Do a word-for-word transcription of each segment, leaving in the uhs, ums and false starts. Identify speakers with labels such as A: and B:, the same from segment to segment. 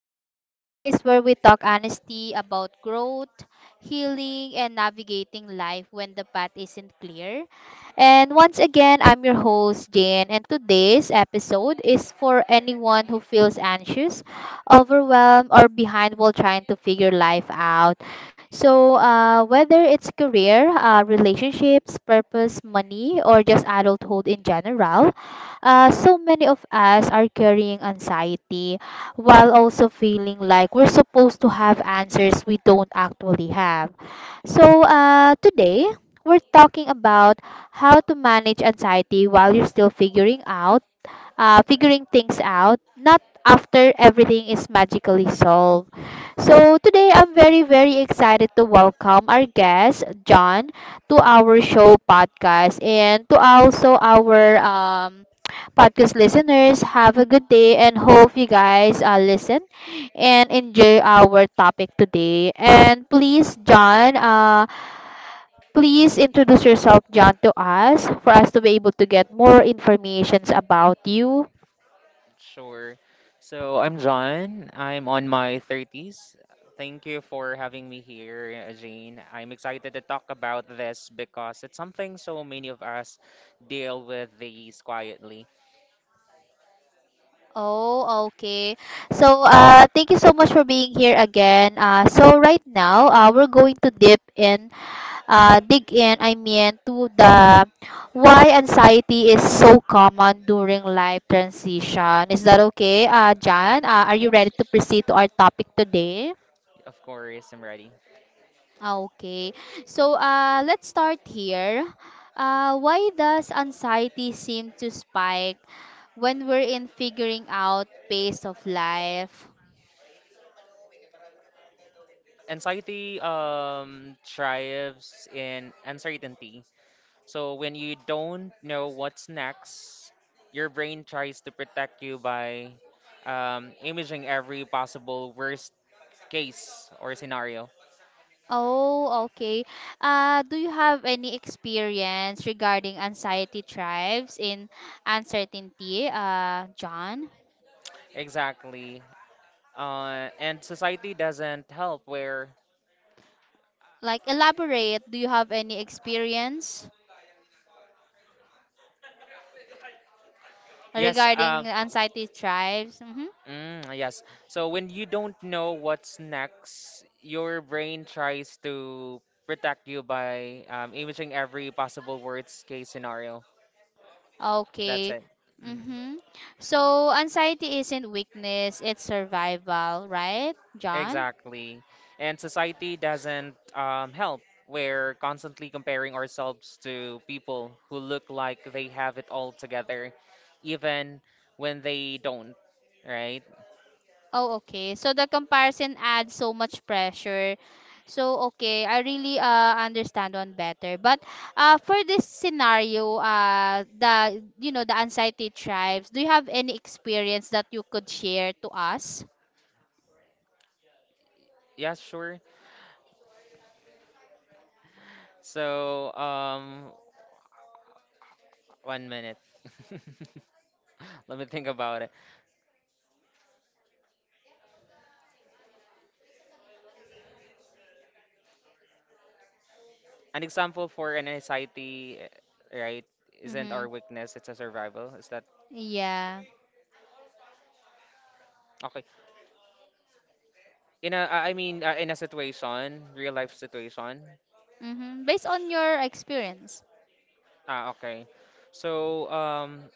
A: uh, the space where we talk honesty about growth, healing, and navigating life when the path isn't clear. And once again, I'm your host, Jane, and today's episode is for anyone who feels anxious, overwhelmed, or behind while trying to figure life out. So, uh, whether it's career, uh, relationships, purpose, money, or just adulthood in general, uh, so many of us are carrying anxiety while also feeling like we're supposed to have answers we don't actually have. So, uh, today, we're talking about how to manage anxiety while you're still figuring out uh, figuring things out, not after everything is magically solved. So today I'm very, very excited to welcome our guest, John, to our show podcast and to also our um, podcast listeners. Have a good day and hope you guys uh, listen and enjoy our topic today. And please, John, uh, please introduce yourself, John, to us for us to be able to get more informations about you.
B: Sure. So I'm John. I'm on my thirties. Thank you for having me here, uh, Jane. I'm excited to talk about this because it's something so many of us deal with these quietly.
A: Oh, okay. So, uh, thank you so much for being here again. Uh, so right now, uh, we're going to dip in, uh, dig in, I mean, to the why anxiety is so common during life transition. Is that okay, uh, Jan? Uh, are you
B: Yeah,
A: ready to proceed to our topic today?
B: of course, I'm ready.
A: Ah, okay. So, uh, let's start here. Uh, why does anxiety seem to spike when we're in figuring out pace of life?
B: Anxiety um, thrives in uncertainty. So when you don't know what's next, your brain tries to protect you by um, imaging every possible worst case or scenario.
A: Oh, okay. Uh, do you have any experience regarding anxiety tribes in uncertainty, uh, John?
B: Exactly. Uh, and society doesn't help where,
A: Like, elaborate. Do you have any experience
B: yes, uh,
A: regarding anxiety tribes? Mm-hmm.
B: mm, yes. So when you don't know what's next, your brain tries to protect you by um, imaging every possible worst case scenario. That's
A: Okay.
B: it. hmm
A: Mm-hmm. So, anxiety isn't weakness, it's survival, right, John?
B: Exactly. And society doesn't um, help. We're constantly comparing ourselves to people who look like they have it all together, even when they don't, right?
A: Oh, okay. So the comparison adds so much pressure. So okay, I really uh understand one better. But uh for this scenario, uh the you know the anxiety tribes, do you have any experience that you could share to us?
B: Yeah, sure. So, um, one minute. Let me think about it. An example for an anxiety, uh, right, isn't
A: Mm-hmm.
B: our weakness, it's a survival. Is that
A: Yeah.
B: okay? In a, I I mean, uh, in a situation, real life situation.
A: Mm-hmm. Based on your experience.
B: Ah, okay. So, um,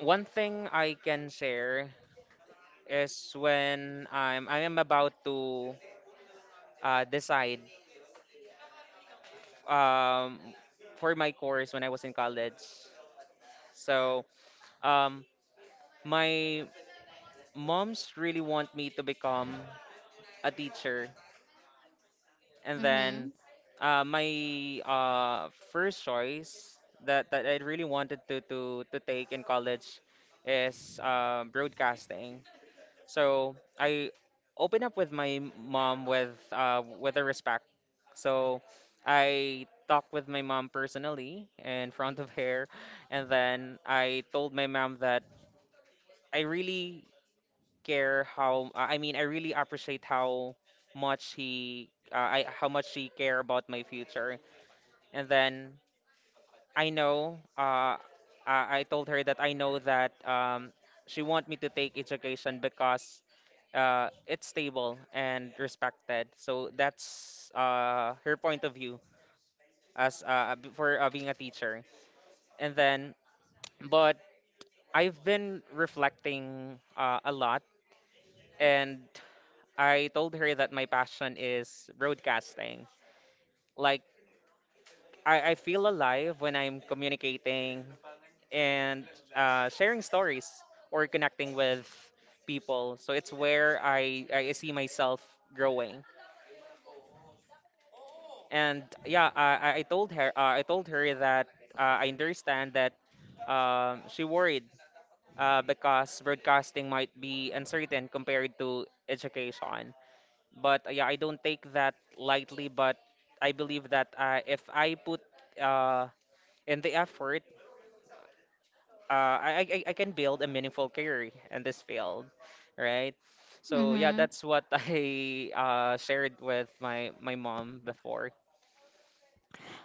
B: one thing I can share is when I'm, I am about to uh, decide um, for my course when I was in college. So, um, My moms really want me to become a teacher, and
A: Mm-hmm.
B: then uh, my uh, first choice that, that I really wanted to, to, to take in college is uh, broadcasting. So I opened up with my mom with uh, with a respect. So I talked with my mom personally in front of her, and then I told my mom that I really care how I mean I really appreciate how much he uh, I how much he care about my future. And then I know uh I, I told her that I know that um she want me to take education because uh it's stable and respected. So that's uh her point of view as uh b- for uh, being a teacher. And then but I've been reflecting uh, a lot and I told her that my passion is broadcasting. Like, I, I feel alive when I'm communicating and uh, sharing stories or connecting with people. So it's where I, I see myself growing. And yeah, I, I I told her uh, I told her that uh, I understand that um, she worried uh, because broadcasting might be uncertain compared to education. but uh, yeah, I don't take that lightly. But I believe that uh, if I put uh, in the effort, uh, I, I I I can build a meaningful career in this field, right? So yeah,
A: Mm-hmm.
B: that's what I uh, shared with my my mom before.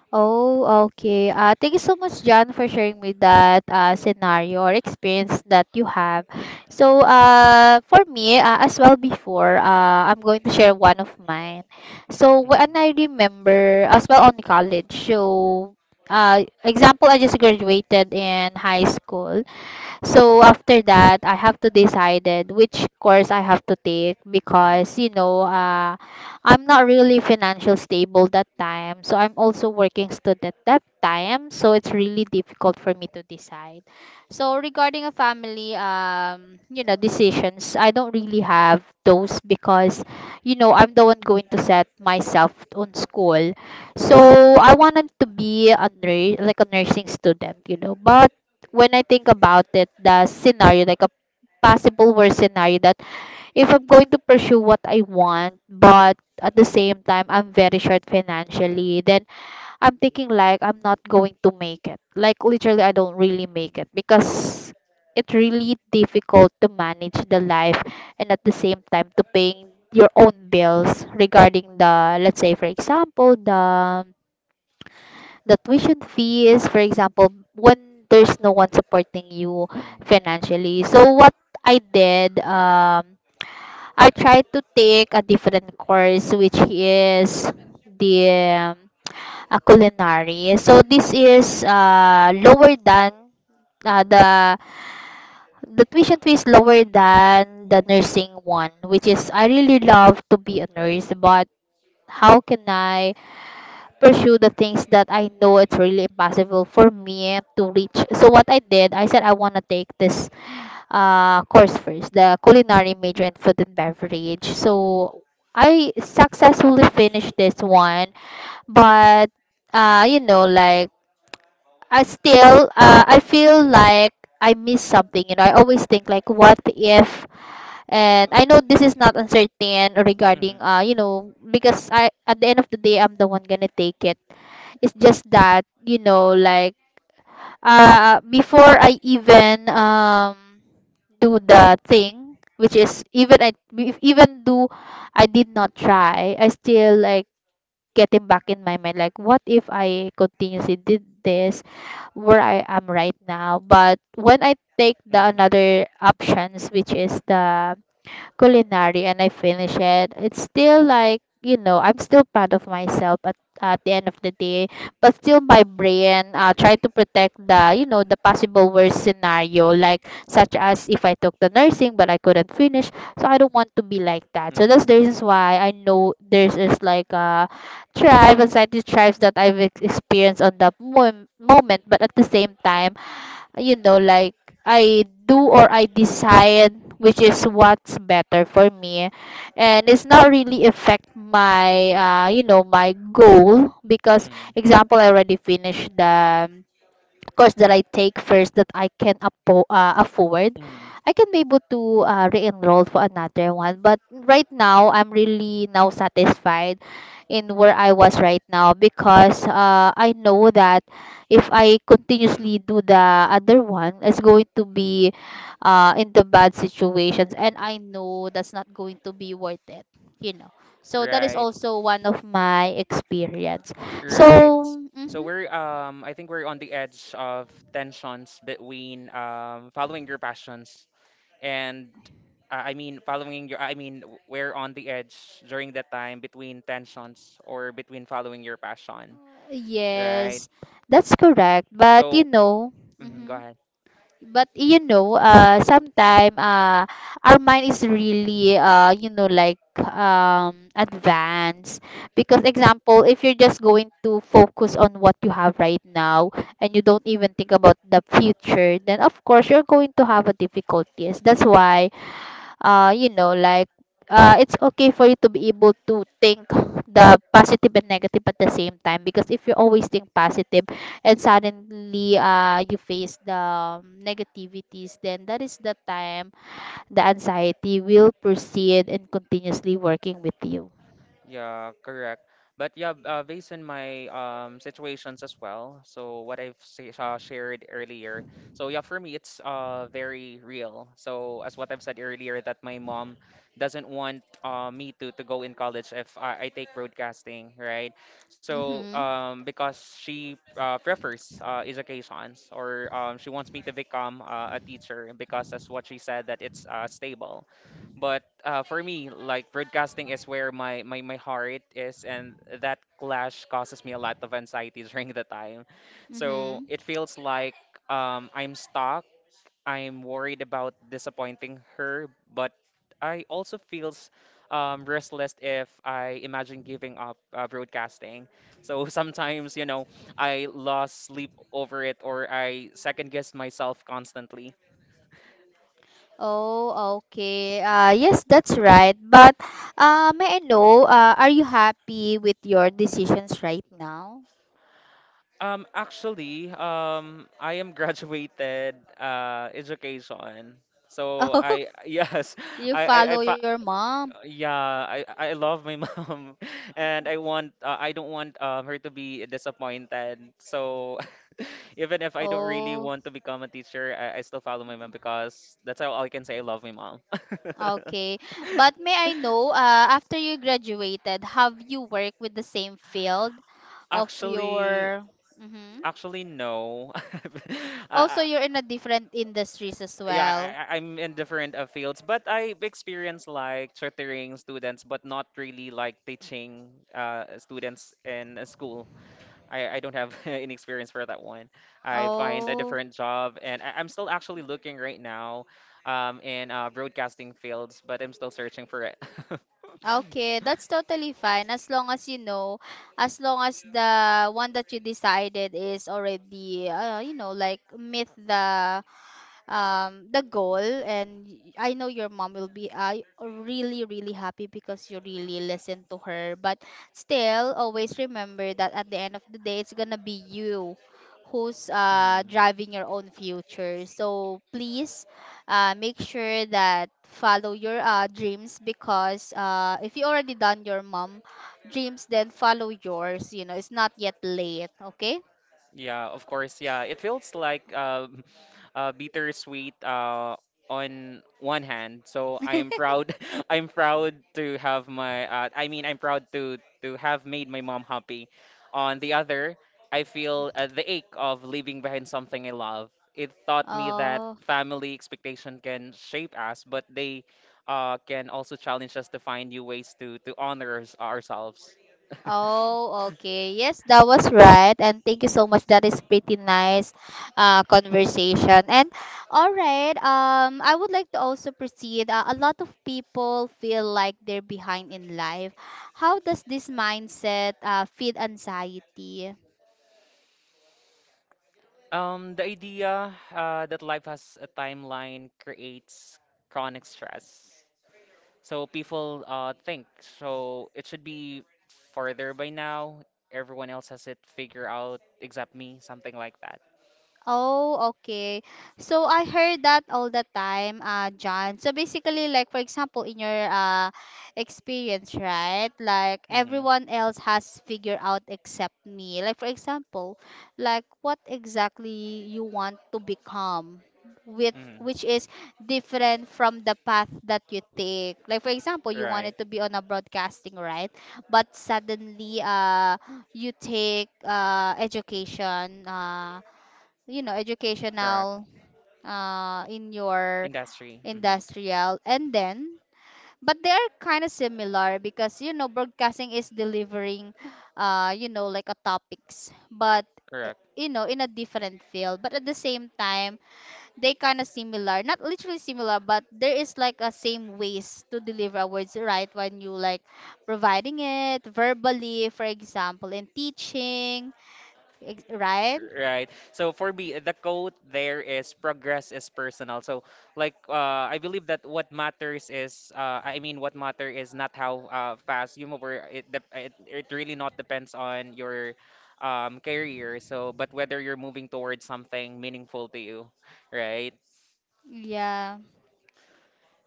A: Oh, okay. Uh, thank you so much, John, for sharing me that uh, scenario or experience that you have. So, uh, for me, uh, as well before, uh, I'm going to share one of mine. So, when I
B: Mm-hmm.
A: remember, as well on college, so, uh, example, I just graduated in high school. So after that, I have to decided which course I have to take
B: Mm.
A: because you know, uh, I'm not really financial stable that time. So I'm also working student that time. So it's really difficult for me to decide. So regarding a family, um, you know, decisions, I don't really have those because, you know, I'm the one going to set myself on school. So I wanted to be a nurse, like a nursing student, you know, but when I think about it, the scenario, like a possible worst scenario, that if I'm going to pursue what I want, but at the same time I'm very short
B: Mm.
A: financially, then I'm thinking like I'm not going to make it. Like literally, I don't really make it because it's really difficult to manage the life and at the same time to paying your own bills regarding the, let's say for example the the tuition fee is, for example, when there's no one supporting you
B: Mm-hmm.
A: financially. So what I did, um, I tried to take a different course, which is the um, a culinary. So this is uh, lower than uh, the the tuition fee is lower than the nursing one, which is I really love to be a
B: Alright, right.
A: nurse, but how can I pursue the things that I know it's really impossible for me to reach. So what I did, I said I want to take this uh, course first, the culinary major in food and beverage. So I successfully finished this one, but uh, you know, like I still, uh, I feel like I miss something. You know, I always think like, what if? And I know this is not uncertain
B: Mm-hmm.
A: regarding, uh, you know, because I at the end of the day, I'm the one gonna take it, it's just that, you know, like uh before I even um do the thing, which is even I if even do I did not try, I still like getting back in my mind like what if I continuously did this where I am right now? But when I take the
B: Mm-hmm.
A: another options which is the culinary and I finish it. It's still like, you know, I'm still proud of myself at, at the end of the day, but still my brain uh, try to protect the, you know, the possible worst scenario, like such as if I took the nursing but I couldn't finish. So I don't want to be like that. So that's the reason why I know there's is like a tribe, anxiety tribes that I've ex- experienced on that mom- moment, but at the same time, you know, like I do or I decide which is what's better for me. And it's not really affect my, uh, you know, my goal because,
B: Mm-hmm.
A: example, I already finished the course that I take first that I can appo- uh, afford,
B: Mm-hmm.
A: I can be able to uh, re-enroll for another one. But right now, I'm really now satisfied in where I was right now because uh, I know that if I
B: Mm-hmm.
A: continuously do the other one, it's going to be uh, in the bad situations, and I know that's not going to be worth it. You know, so that is
B: Right.
A: also one of my experience.
B: Right.
A: So.
B: So
A: Mhm.
B: we're um I think we're on the edge of tensions between um following your passions and uh, I mean following your I mean w- we're on the edge during that time between tensions or between following your passion, right?
A: Yes, that's correct. But you
B: So
A: know,
B: mhm, go
A: hmm,
B: ahead.
A: but you know, uh, sometime uh, our mind is really uh, you know, like um, advanced. Because
B: Mm-hmm.
A: example, if you're just going to focus on what you have right now and you don't even think about the future, then of course you're going to have a difficulties. That's why uh you know like uh it's okay for you to be able to think the positive and negative at the same time because if you always think positive and suddenly uh you face the um, negativities then that is the time the anxiety will proceed and continuously working with you.
B: Yeah, correct. But yeah, b- uh, based on my um, situations as well, so what I've say, uh, shared earlier, so yeah, for me, it's uh, very real. So as what I've said earlier, that my mom doesn't want uh, me to, to go in college if I, I take broadcasting, right? So
A: Mhm.
B: um, because she uh, prefers uh, educations or um, she wants me to become uh, a teacher because that's what she said that it's uh, stable. But uh, for me, like broadcasting is where my, my, my heart is, and that clash causes me a lot of anxiety during the time. So
A: Mhm.
B: it feels like um, I'm stuck. I'm worried about disappointing her, but I also feels um, restless if I imagine giving up uh, broadcasting. So sometimes, you know, I lost sleep over it, or I second guess myself constantly.
A: Oh, okay. Uh, yes, that's right. But uh, may I know, uh, are you happy with your decisions right now?
B: Um, actually, um, I am graduated uh education. So I yes,
A: You
B: I I, I
A: follow
B: fa
A: your mom.
B: yeah, I I love my mom, and I want uh, I don't want um her to be disappointed. So even if I don't really
A: Oh,
B: want to become a teacher, I, I still follow my mom because that's how I can say I love my mom.
A: okay. But may I know, uh, after you graduated, have you worked with the same field of
B: Actually,
A: your? Mm-hmm.
B: Actually no.
A: Also,
B: I,
A: you're in a different industries as
B: yeah,
A: well.
B: I, I- I'm in different uh, fields, but I experience like tutoring students, but not really like teaching uh, students in a school. I, I don't have any experience for that one. I find a
A: Oh,
B: different job, and I, I'm still actually looking right now um, in uh, broadcasting fields, but I'm still searching for it.
A: okay. That's totally fine. As long as you know, as long as the one that you decided is already, uh, you know, like meet the um the goal and y- I know your mom will be I really really happy because you really listen to her but still always remember that at the end of the day it's gonna be you who's uh
B: Mhm.
A: driving your own future so please uh make sure that follow your uh dreams because uh if you already done your mom dreams then follow yours, you know it's not yet late okay.
B: Yeah, of course. Yeah, it feels like um, uh, bittersweet uh, on one hand. So I'm proud. I'm proud to have my. Uh, I mean, I'm proud to to have made my mom happy. On the other, I feel uh, the ache of leaving behind something I love. It taught me that
A: Oh.
B: family expectation can shape us, but they uh, can also challenge us to find new ways to to honor ours- ourselves.
A: Oh, okay. Yes, that was right. And thank you so much. That is pretty nice uh, conversation. And all right, um, I would like to also proceed. Uh, a lot of people feel like they're behind in life. How does this mindset uh, feed anxiety?
B: Um, the idea uh, that life has a timeline creates chronic stress. So people uh, think so it should be further by now. Everyone else has it figured out except me, something like that.
A: Oh, okay. So I heard that all the time, uh, John. So basically, like for example, in your uh experience, right? Like
B: Mm-hmm.
A: everyone else has figured out except me. Like for example, like what exactly you want to become with
B: Mm-hmm.
A: which is different from the path that you take. Like for example, you
B: Right.
A: wanted to be on a broadcasting, right? But suddenly uh you take uh education uh you know
B: Correct.
A: educational uh in your
B: Industry. Mm-hmm.
A: industrial and then but they are kind of similar because you know broadcasting is delivering uh you know like a topics but eh,
B: Correct.
A: you know in a different field but at the same time they kind of similar not literally similar but there is like a same ways to deliver our words right when you like providing it verbally for example in teaching ex- right,
B: Right. So for me, the quote there is progress is personal. So like uh, I believe that what matters is uh, I mean what matter is not how uh, fast you move or it, dep- it it really not depends on your um, career. So but whether you're moving towards something meaningful to you, right?
A: yeah.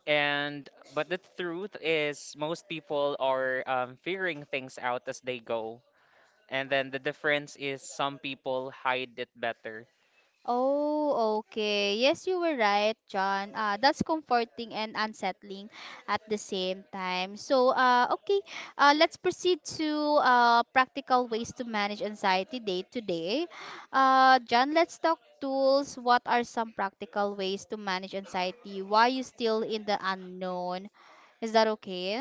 B: And but the truth is most people are um, figuring things out as they go. And then the difference is some people hide it better.
A: Oh, okay. Yes, you were right, John. Uh, that's comforting and unsettling at the same time. So, uh, okay, uh, let's proceed to uh, practical ways to manage anxiety day to day. Uh, John, let's talk tools. What are some practical ways to manage anxiety? Why you still in the unknown? Is that okay?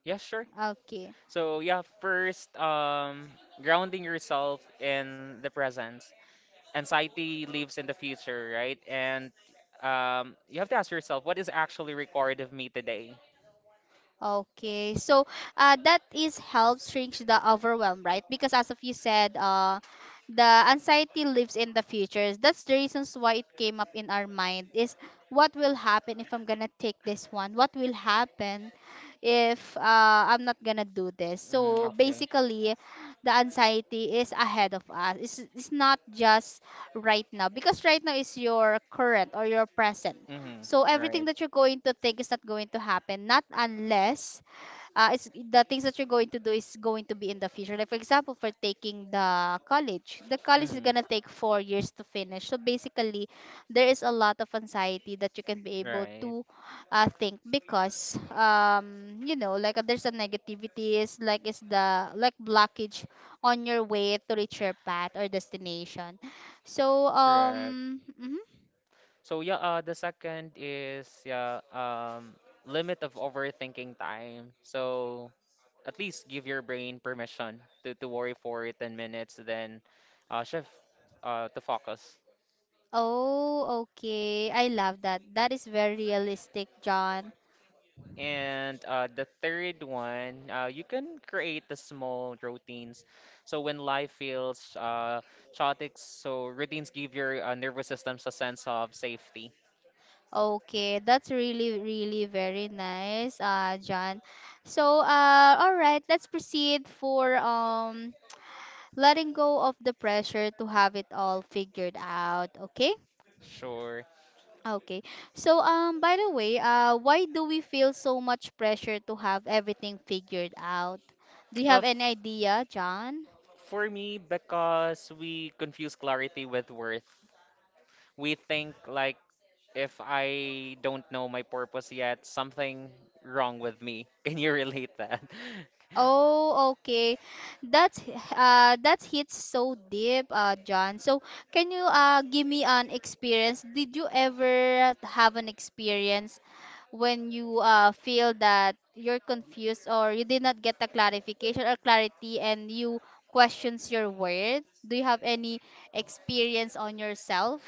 B: Yeah, sure.
A: Okay.
B: So yeah, first, um, grounding yourself in the present. Anxiety lives in the future, right? And um, you have to ask yourself, what is actually required of me today?
A: Okay, so uh, that is helps reach the overwhelm, right? Because as of you said, uh, the anxiety lives in the future. That's the reasons why it came up in our mind is what will happen if I'm gonna take this one? What will happen if uh, I'm not gonna do this?
B: Mm,
A: So
B: okay.
A: basically, the anxiety is ahead of us. It's, it's not just right now because right now is your current or your present,
B: Mm-hmm.
A: so everything
B: Right.
A: that you're going to think is not going to happen, not unless uh, it's the things that you're going to do is going to be in the future. Like for example, for taking the college, the college is
B: Mm-hmm.
A: gonna take four years to finish. So basically, there is a lot of anxiety that you can be able
B: Right.
A: to uh, think because um you know like uh, there's a negativity is like is the like blockage on your way to reach your path or destination. So
B: Correct.
A: um. mhm.
B: So yeah, uh, the second is yeah, um, limit of overthinking time. So at least give your brain permission to, to worry for ten minutes, then uh, shift uh, to focus.
A: Oh, okay. I love that. That is very realistic, John.
B: And uh, the third one, uh, you can create the small routines. So when life feels uh, chaotic, so routines give your uh, nervous systems a sense of safety.
A: Okay, that's really, really very nice, uh, John. So, uh, all right, let's proceed for um letting go of the pressure to have it all figured out. Okay.
B: Sure.
A: Okay. So, um, by the way, uh, why do we feel so much pressure to have everything figured out? Do you
B: Uh,
A: have
B: f-
A: any idea, John?
B: for me, because we confuse clarity with worth. We think like if I don't know my purpose yet, something wrong with me. Can you relate that?
A: Oh, okay. That's h- uh that hits so deep, uh, John. So can you uh give me an experience? Did you ever have an experience when you uh feel that you're confused or you did not get a clarification or clarity and you questions your word? Do you have any experience on yourself?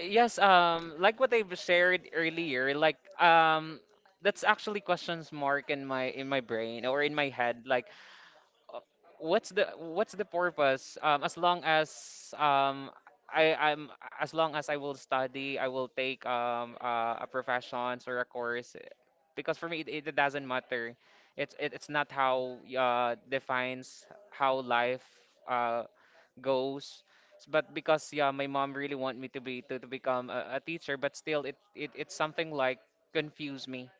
B: Yes, um, like what I've shared earlier, like um, that's actually questions mark in my in my brain or in my head. Like, uh, what's the what's the purpose? Um, as long as um, I I'm as long as I will study, I will take um uh, a professions or a course, eh, because for me it, it doesn't matter. It's it, it's not how uh defines how life uh goes. S- But because yeah, my mom really want me to be to, to become a, a teacher, but still it, it it's something like confuse me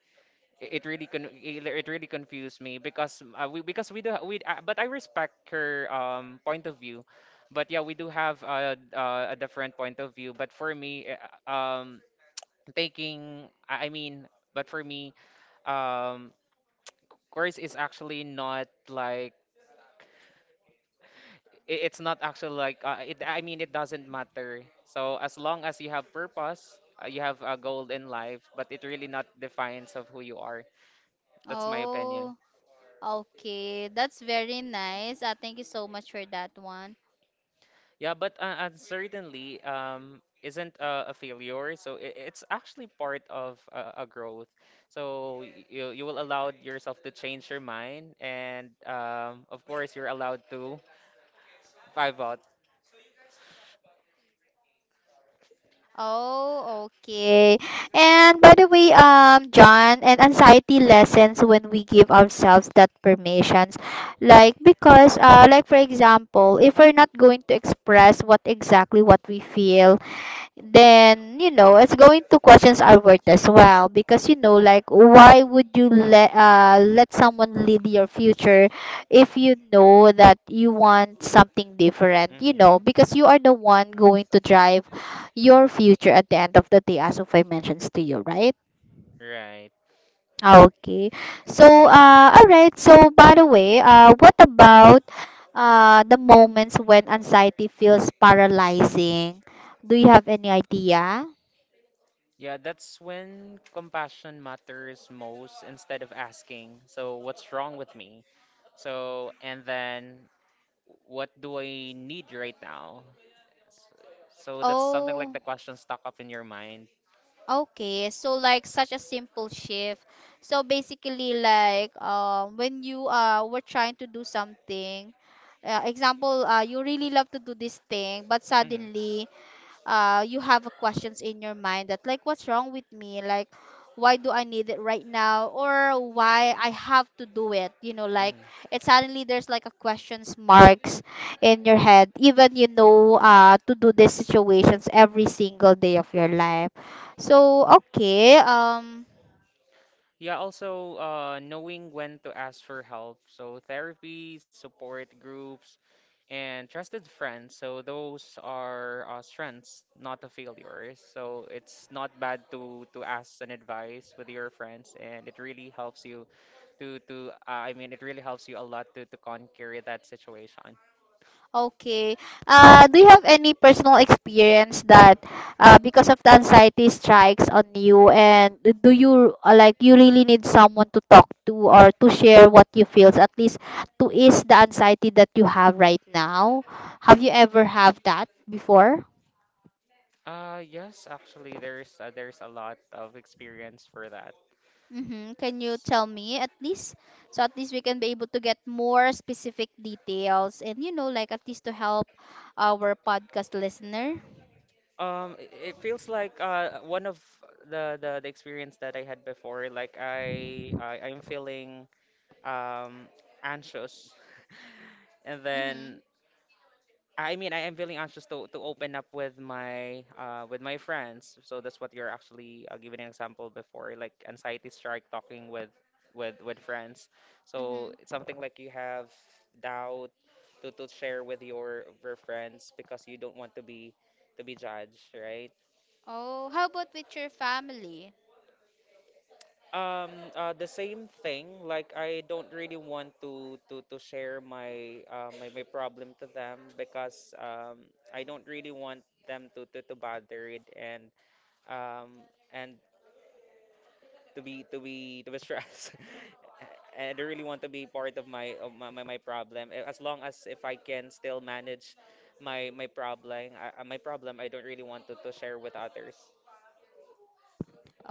B: it really con it it really confused me because uh, we because we do ha- we uh, but I respect her um point of view, but yeah we do have a uh, a different point of view. But for me, eh, uh, um taking I I mean, but for me, um course is actually not like i- it's not actually like uh, it I mean it doesn't matter. So as long as you have purpose, uh, you have a goal in life, but it really not defines of who you are. That's my opinion.
A: Oh, okay. That's very nice. Uh, thank you so much for that one.
B: Yeah, but uh, uncertainty um, isn't a, a failure. So it, it's actually part of a, a growth. So y- you, you will allow yourself to change your mind. And um, of course, you're allowed to five out.
A: Oh, okay. And by the way, um, John, and anxiety lessens when we give ourselves that permissions. Like because uh like for example, if we're not going to express what exactly what we feel, then you know it's going to questions our worth as well because you know like why would you let uh let someone lead your future if you know that you want something different, you know,
B: Hmm.
A: because you are the one going to drive your future at the end of the day as of I mentioned to you, right?
B: Right.
A: Okay. So, uh, all right, so by the way, uh, what about uh the moments when anxiety feels paralyzing? Do you have any idea?
B: Yeah, that's when compassion matters most instead of asking, so what's wrong with me? So, and then what do I need right now? S- So that's something like
A: Oh,
B: the question stuck up in your mind.
A: okay. So like such a simple shift. So basically like um when you uh were trying to do something, uh, example, uh, you really love to do this thing, but
B: Hmm.
A: suddenly uh you have a questions in your mind that like what's wrong with me, like why do I need it right now or why I have to do it, you know, like
B: Mhm.
A: it suddenly there's like a questions marks in your head even you know uh to do these situations every single day of your life. So okay, um.
B: Yeah, also uh, knowing when to ask for help. So, therapy, support groups, and trusted friends. So, those are uh, strengths, not the failures. So, it's not bad to to ask an advice with your friends, and it really helps you to to uh, I mean, it really helps you a lot to to conquer that situation.
A: Okay. Uh, do you have any personal experience that uh, because of the anxiety strikes on you, and do you uh, like you really need someone to talk to or to share what you feels at least to ease the anxiety that you have right now? Have you ever have that before?
B: Uh, yes, actually, there's uh, there's a lot of experience for that.
A: Mm-hmm. Can you tell me at least? So at least we can be able to get more specific details, and you know like at least to help our podcast listener.
B: Um, i- it feels like uh one of the the, the experience that I had before, like I, I I'm feeling um anxious, and
A: Mm-hmm.
B: then I mean, I am feeling anxious to, to open up with my uh with my friends. So that's what you're actually uh, giving an example before, like anxiety strike talking with with with friends. So
A: Mm-hmm.
B: it's something like you have doubt to, to share with your your friends because you don't want to be to be judged, right?
A: Oh, how about with your family?
B: Um, uh, the same thing. Like I don't really want to to to share my uh, my my problem to them because um I don't really want them to to to bother it and um and to be to be to be stressed. And I don't really want to be part of my of my, my, my problem. Eh, as long as if I can still manage my my problem, I, I- my problem, I don't really want to to share with others.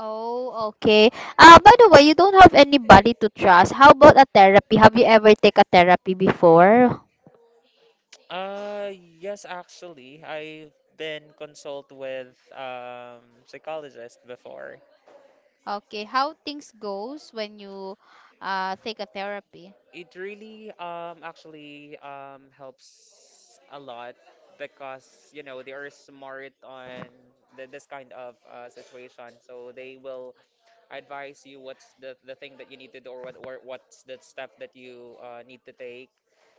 A: Oh, okay. Uh, by the way, you don't have anybody to trust. How about a therapy? Have you ever take a therapy before?
B: Uh, yes, actually, I've been consult with um psychologist before.
A: Okay, how things goes when you uh, take a therapy?
B: It really um actually um helps a lot because you know they are smart on the, this kind of uh, situation, so they will advise you what's the the thing that you need to do or what or what's the step that you uh, need to take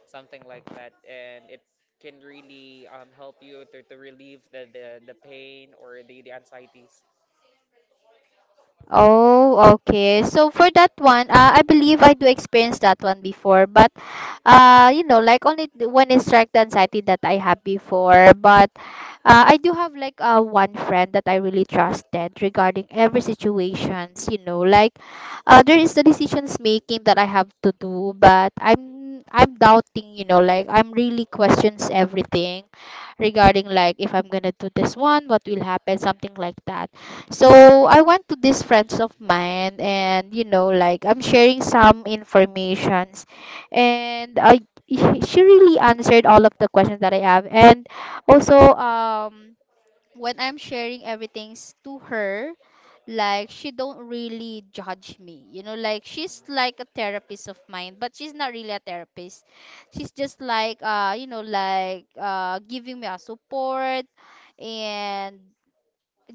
B: something like that, and it can really um, help you to, to relieve the, the, the pain or the, the anxieties.
A: Oh, okay. So for that one, uh, I believe I do experience that one before, but uh, you know, like only th- one is anxiety that I have before. But uh, I do have like uh, one friend that I really trusted regarding every situations. You know, like uh, there is the decisions making that I have to do, but I'm I'm doubting. You know, like I'm really questions everything regarding like if I'm gonna do this one, what will happen, something like that.
B: Mm,
A: So I went to these friends of mine, and you know like I'm sharing some informations, and I she really answered all of the questions that I have, and also um when I'm sharing everything's to her, like she don't really judge me, you know, like she's like a
B: mhm,
A: therapist of mine, but she's not really a therapist. She's just like uh you know like uh giving me a support, and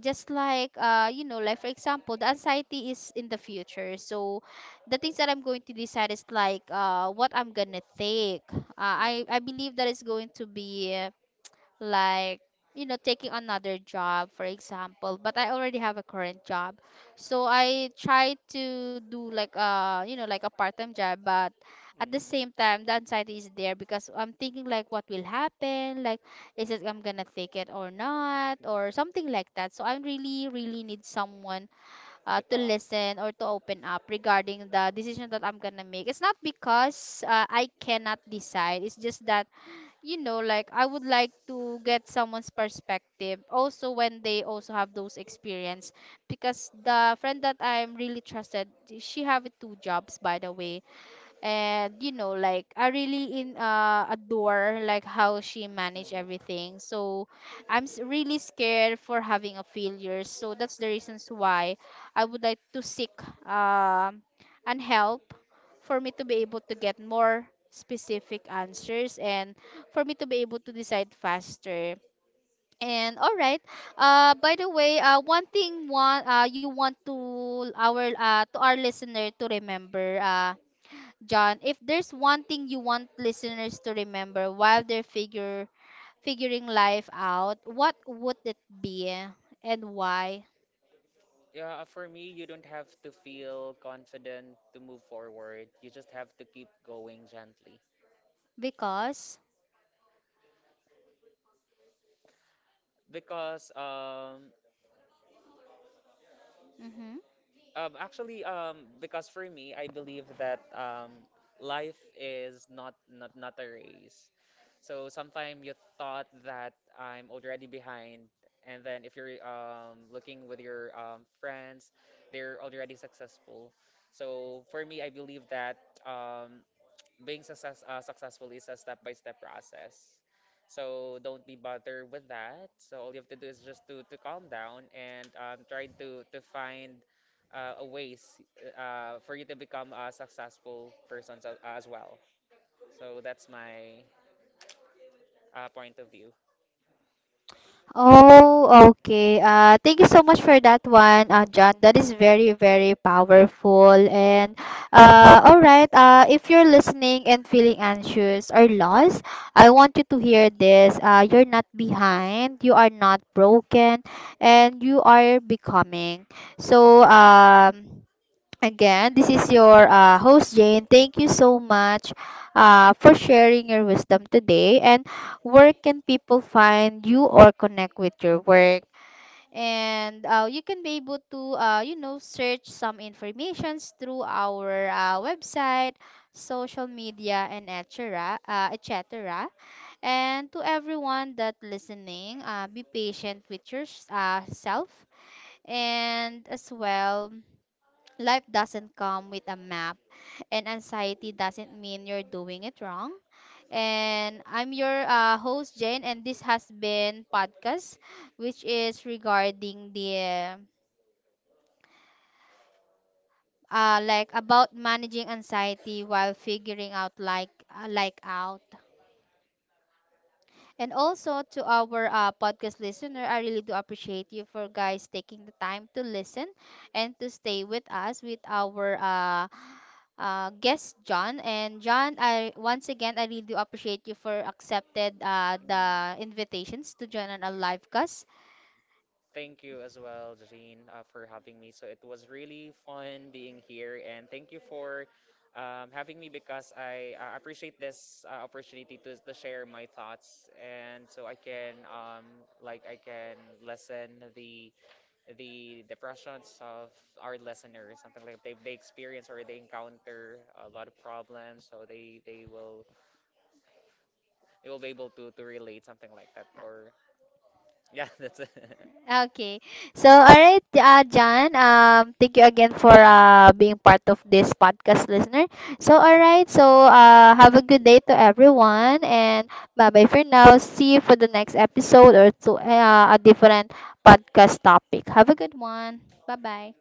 A: just like uh you know like for example the anxiety is in the future, so the things that I'm going to decide is like uh what I'm gonna take, uh, i i believe that it's going to be like, you know, taking another job for example, but I already have a current job. So I try to do like a, you know, like a part-time job, but
B: mm,
A: at the
B: mhm.
A: same time the anxiety is there because I'm thinking like what will happen, like is it I'm gonna take it or not or something like that. So I really really need someone uh,
B: To
A: to
B: talk.
A: listen or to open up regarding the decision
B: Mm.
A: that I'm gonna make. It's not because uh, I cannot decide, it's just that you know like I would like to get someone's perspective also when they also have those experience because the friend that I'm really trusted, she have two jobs by the way, and you know like I really in uh adore like how she managed
B: Mm.
A: everything. So i'm s- really scared for having a failure, so that's the reasons why I would like to seek um and help for me to be able to get more specific answers and for me to be able to decide faster. And all right, uh by the way, uh one thing one uh you want to our uh to our listener to remember, uh John, if there's one thing you want listeners to remember while they're figure figuring life out, what would it be and why?
B: Yeah, uh, for me, you don't have to feel confident to move forward. You just have to keep going gently.
A: Because.
B: Because um,
A: Mm-hmm.
B: um actually um because for me I believe that um life is not not not a race. So sometimes you thought that I'm already behind and then if you're um looking with your um friends, they're already successful. So for me I believe that um being success, uh, successful is a step-by-step process. So don't be bothered with that. So all you have to do is just to, to calm down and um, try to, to find uh, a ways uh, for you to become a successful person as, as well. So that's my uh, point of view.
A: Oh, okay. Uh, thank you so much for that one, uh, John. That is very, very powerful. And uh, all right, uh, if you're listening and feeling anxious or lost, I want you to hear this. Uh, you're not behind, you are not broken, and you are becoming. So, um, again, this is your uh, host, Jane. Thank you so much uh, for sharing your wisdom today. And where can people find you or connect with your work? And uh, you can be able to, uh, you know, search some informations through our uh, website, social media, and et etc. Uh, et cetera. And to everyone that listening, uh, be patient with yourself, uh, self, and as well, life doesn't come with a map and anxiety doesn't mean you're doing it wrong. And I'm your uh, host, Jane, and this has been podcast, which is regarding the uh, like about managing anxiety while figuring out like uh, like out. And also to our uh, podcast listener, I really do appreciate you for guys taking the time to listen and to stay with us with our uh, uh, guest, John. And John, I once again I really do appreciate you for accepted uh, the invitations to join on a live
B: Mm.
A: cast.
B: Thank you as well, Jean, uh, for having me. So it was really fun being here, and thank you for um, having me because I uh, appreciate this uh, opportunity to, to share my thoughts, and so I can um, like I can lessen the the depressions of our listeners, something like they they experience or they encounter a lot of problems, so they they will they will be able to to relate something like that, or yeah, that's it.
A: Okay. So, all right, uh, John, um, thank you again for uh, being part of this podcast, listener. So, all right, so uh, have a good day to everyone, and bye bye for now. See you for the next episode or to uh, a different podcast topic. Have a good one. Bye bye.